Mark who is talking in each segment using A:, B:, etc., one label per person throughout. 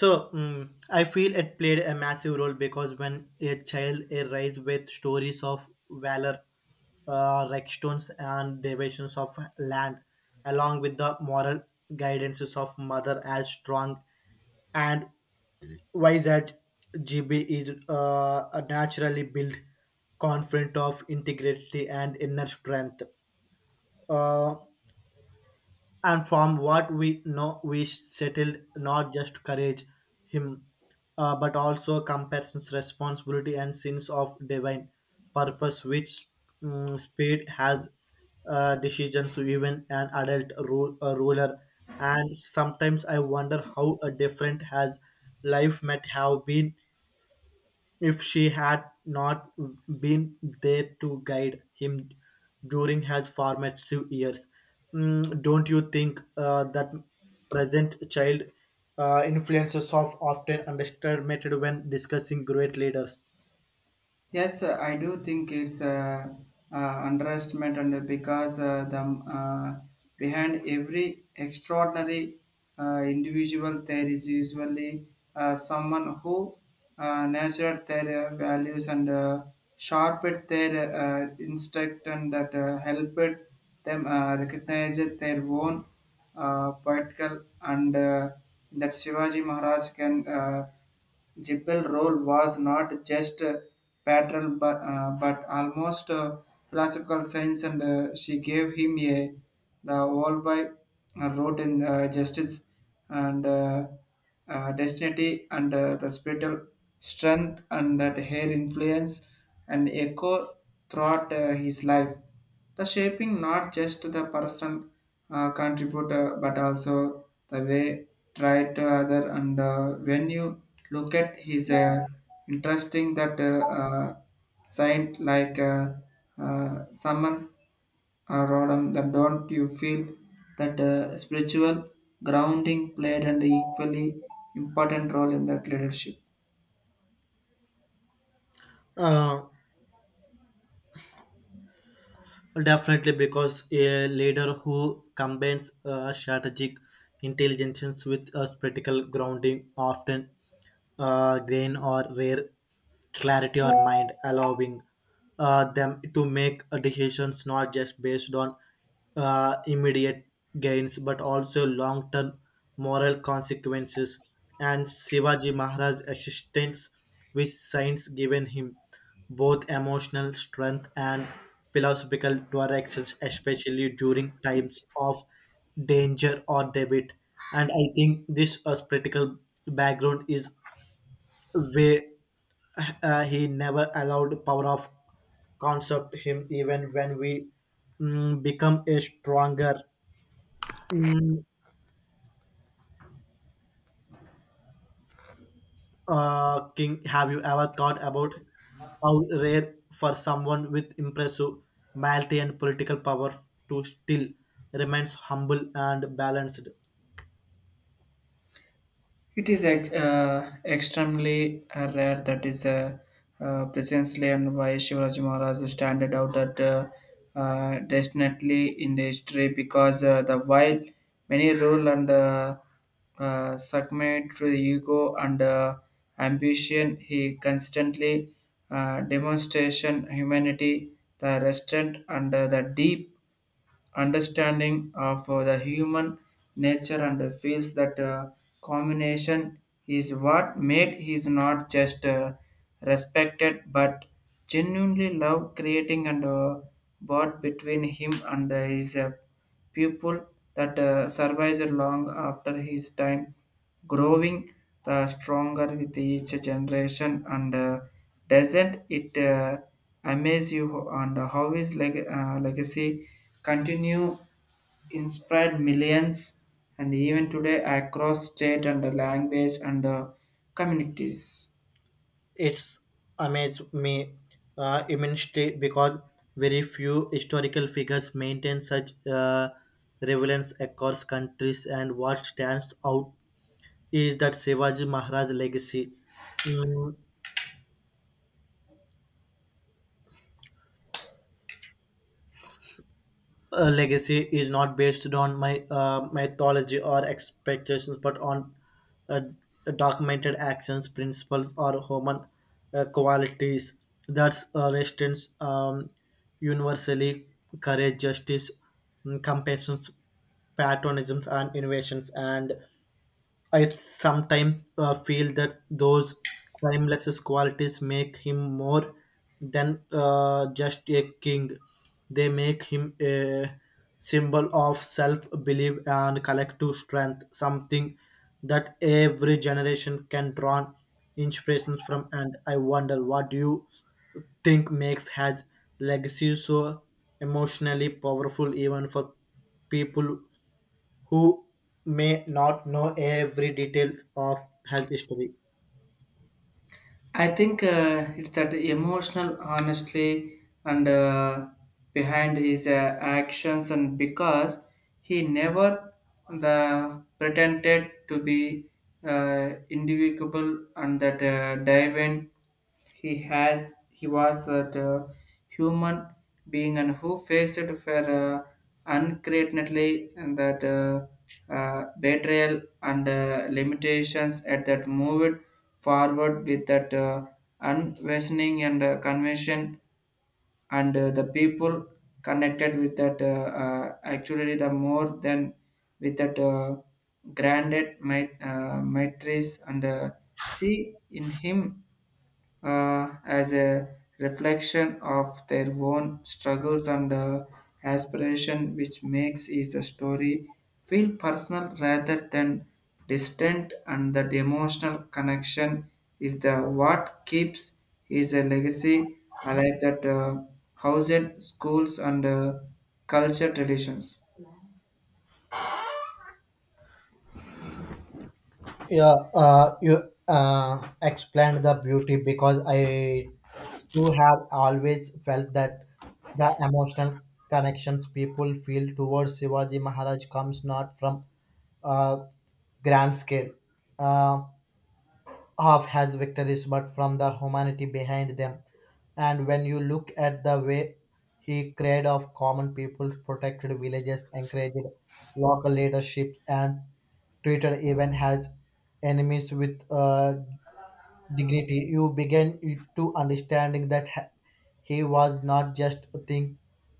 A: So, I feel it played a massive role because when a child is raised with stories of valor, like stones and deviations of land, along with the moral guidances of mother as strong and wise as GB is a naturally built, confident of integrity and inner strength. Uh, and from what we know we settled not just courage him but also comparisons responsibility and sense of divine purpose which speed has decisions even an adult ruler and sometimes I wonder how a different has life might have been if she had not been there to guide him during his formative years. Don't you think that present child influences of often underestimated when discussing great leaders?
B: Yes, I do think it's underestimate and because the behind every extraordinary individual there is usually someone who nurtured their values and sharpened their instinct and that helped them recognize their own political and that Shivaji Maharaj can. Gippel role was not just pastoral but almost philosophical science, and she gave him a the worldwide wrote in justice and destiny, and the spiritual strength, and that her influence and echo throughout his life, the shaping not just the person contributor but also the way try to other. And when you look at his interesting that saint like uh, someone rodham, that don't you feel that spiritual grounding played an equally important role in that leadership?
A: Uh, Definitely, because a leader who combines strategic intelligence with a practical grounding often gain or rare clarity or mind, allowing them to make decisions not just based on immediate gains but also long term moral consequences. And Shivaji Maharaj's existence, which science given him both emotional strength and philosophical directions, especially during times of danger or debate. And I think this political background is way he never allowed power of concept him even when we become a stronger mm, king. Have you ever thought about how rare for someone with impressive malty and political power to still remains humble and balanced?
B: It is extremely rare. That is precisely and why Shivaji Maharaj standard out, that definitely in the history, because the while many rule and succumbed to the ego and ambition. He constantly demonstration humanity, the restraint, and the deep understanding of the human nature, and feels that combination is what made his not just respected but genuinely love, creating and bond between him and his pupil that survives long after his time, growing the stronger with each generation. And doesn't it amaze you, and how his legacy continue inspired millions and even today, across state and language and communities?
A: It's amazed me immensely because very few historical figures maintain such relevance across countries. And what stands out is that Shivaji Maharaj legacy Mm, legacy is not based on my mythology or expectations, but on uh, documented actions, principles, or human qualities. That's resistance, universally courage, justice, compassion, patriotism, and innovations. And I sometimes feel that those timeless qualities make him more than just a king. They make him a symbol of self belief and collective strength, something that every generation can draw inspirations from. And I wonder, what do you think makes his legacy so emotionally powerful, even for people who may not know every detail of his history?
B: I think it's that emotional honestly and behind his actions, and because he never the pretended to be individual and that divine. He was that human being and who faced for uncreatedly and that betrayal and limitations, at that moved forward with that unwavering and conviction. And the people connected with that actually the more than with that granted matrix, and see in him as a reflection of their own struggles and aspiration, which makes is a story feel personal rather than distant. And that emotional connection is the what keeps is a legacy alive, that housed schools and culture traditions.
A: Yeah, you explained the beauty because I too have always felt that the emotional connections people feel towards Shivaji Maharaj comes not from uh, grand scale. Uh, half has victories but from the humanity behind them, and when you look at the way he created of common people, protected villages, encouraged local leaderships, and treated even as enemies with dignity, you begin to understanding that he was not just a thing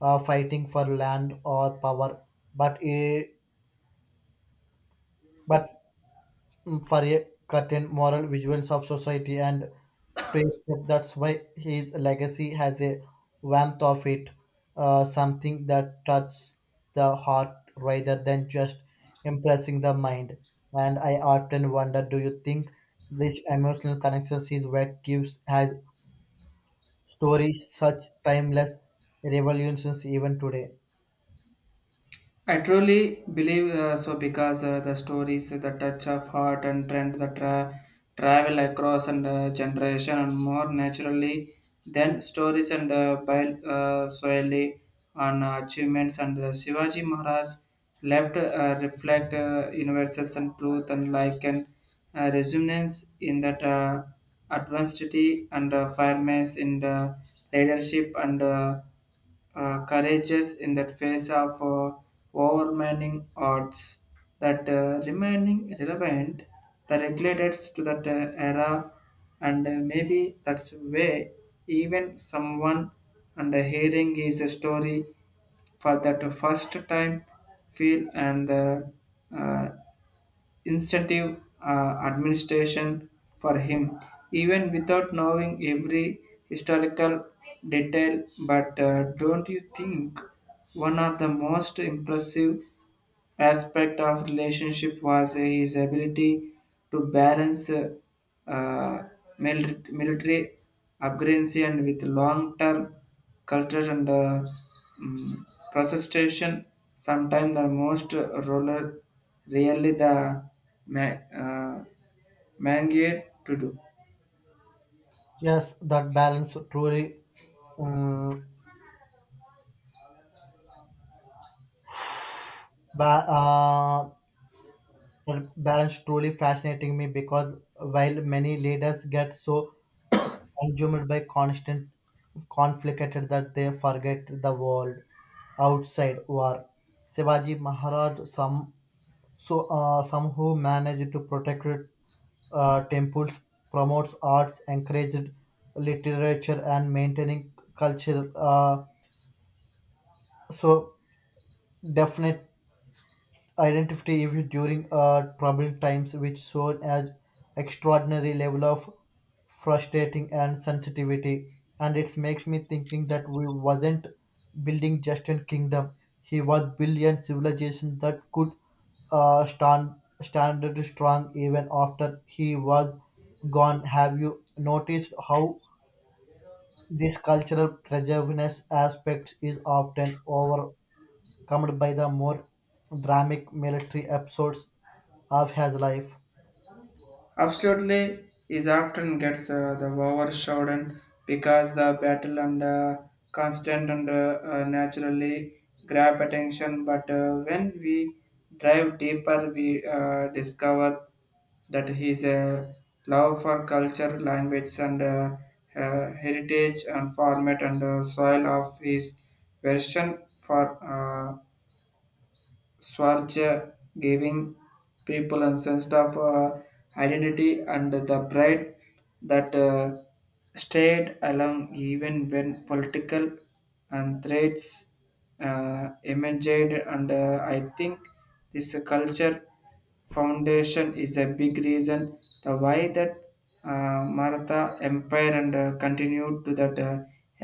A: fighting for land or power, but a, but for a certain moral visuals of society and praise him. That's why his legacy has a warmth of it, something that touches the heart rather than just impressing the mind. And I often wonder, do you think this emotional connection is what gives has stories such timeless revolutions even today?
B: I truly believe so, because the stories, the touch of heart and trend that travel across and generation and more naturally than stories and bile solely on achievements. And Shivaji Maharaj left reflect universals and truth, and like an resonance in that advancedity, and firmness in the leadership, and courageous in that face of overwhelming odds, that remaining relevant the regulators to that era. And maybe that's way even someone and hearing is a story for that first time feel and uh, incentive administration for him, even without knowing every historical detail. But don't you think one of the most impressive aspect of relationship was his ability to balance uh, mil- military aggression with long-term culture and um, frustration? Sometimes the most roller really the ma- uh, man gear to do.
A: Yes, that balance truly um, ba- uh, fascinating me because while many leaders get so consumed by constant conflict that they forget the world outside war. Shivaji Maharaj, some who managed to protect temples, promotes arts, encouraged literature, and maintaining culture. So definitely identity if during troubled times which shown as extraordinary level of frustrating and sensitivity, and it makes me thinking that we wasn't building just a kingdom, he was billion civilization that could uh, stand standard strong even after he was gone. Have you noticed how this cultural preservedness aspect is often over calmed by the more dramatic military episodes of his life?
B: Absolutely, is often gets the overshadowed, because the battle and constant and naturally grab attention. But when we drive deeper, we discover that his love for culture, language, and heritage and format and soil of his version for Schwarzer, giving people a sense of identity and the pride that stayed along even when political and threats emerged. And I think this culture foundation is a big reason the why that Maratha empire and continued to that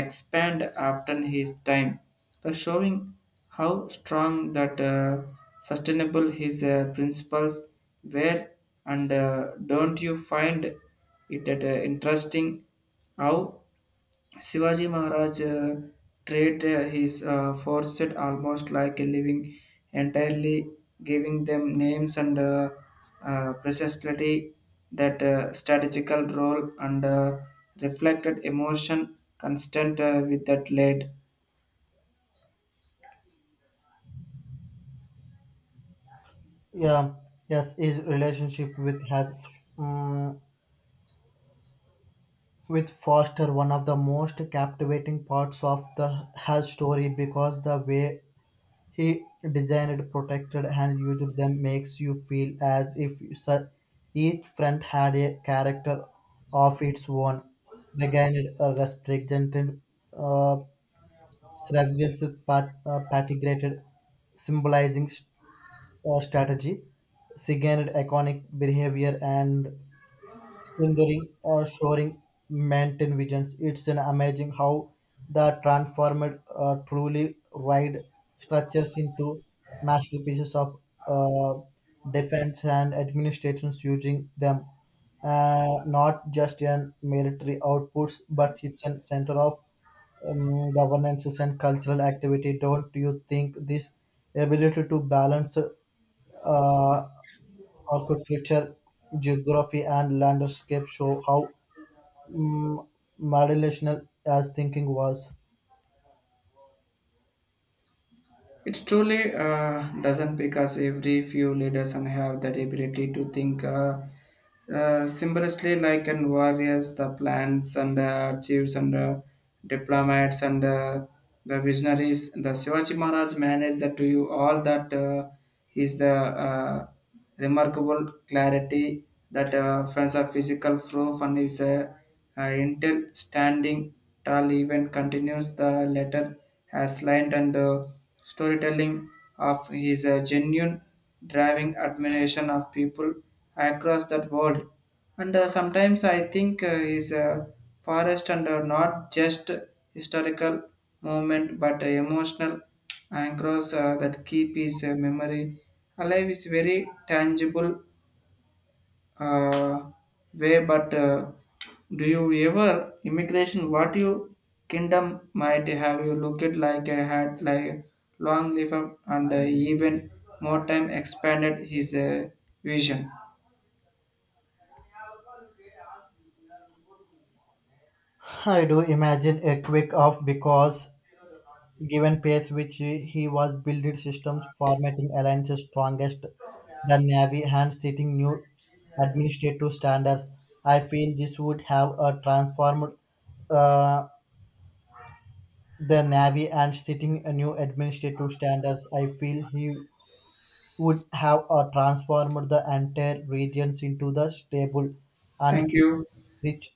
B: expand after his time, the showing how strong that sustainable his principles were. And don't you find it at, interesting how Shivaji Maharaj treated his forces almost like a living, entirely, giving them names and precisely that strategical role, and reflected emotion constant with that lead?
A: Yeah, yes, his relationship with his um, with Foster one of the most captivating parts of the his story because the way he designed, protected, and used them makes you feel as if each friend had a character of its own. They gained a represented strategic patigrated, symbolizing strategy, signaled iconic behavior and sundering or shoring maintain visions. It's an amazing how the transformed truly wide structures into masterpieces of uh, defense and administrations using them, not just in military outputs, but it's a center of governances and cultural activity. Don't you think this ability to balance uh, architecture, geography, and landscape show how um, modulational as thinking was?
B: It truly doesn't, because every few leaders and have that ability to think symbolically like and warriors, the plans and chiefs and diplomats and the visionaries. The Shivaji Maharaj managed that to you all that his remarkable clarity, that friends of physical proof and his intel standing tall even continues. The letter has lined and storytelling of his genuine driving admiration of people across that world. And sometimes I think is a forest and not just historical moment but emotional anchors that keep his memory alive is very tangible uh, way. But do you ever immigration what you kingdom might have you looked like, I had like long live up, and even more time expanded his vision?
A: I do imagine a quick off because given pace which he was building systems, formatting alliances, strongest the navy, and setting new administrative standards, I feel this would have a transformed uh, the Navy and setting a new administrative standards, I feel he would have transformed the entire regions into the stable
B: Thank
A: and
B: you.
A: rich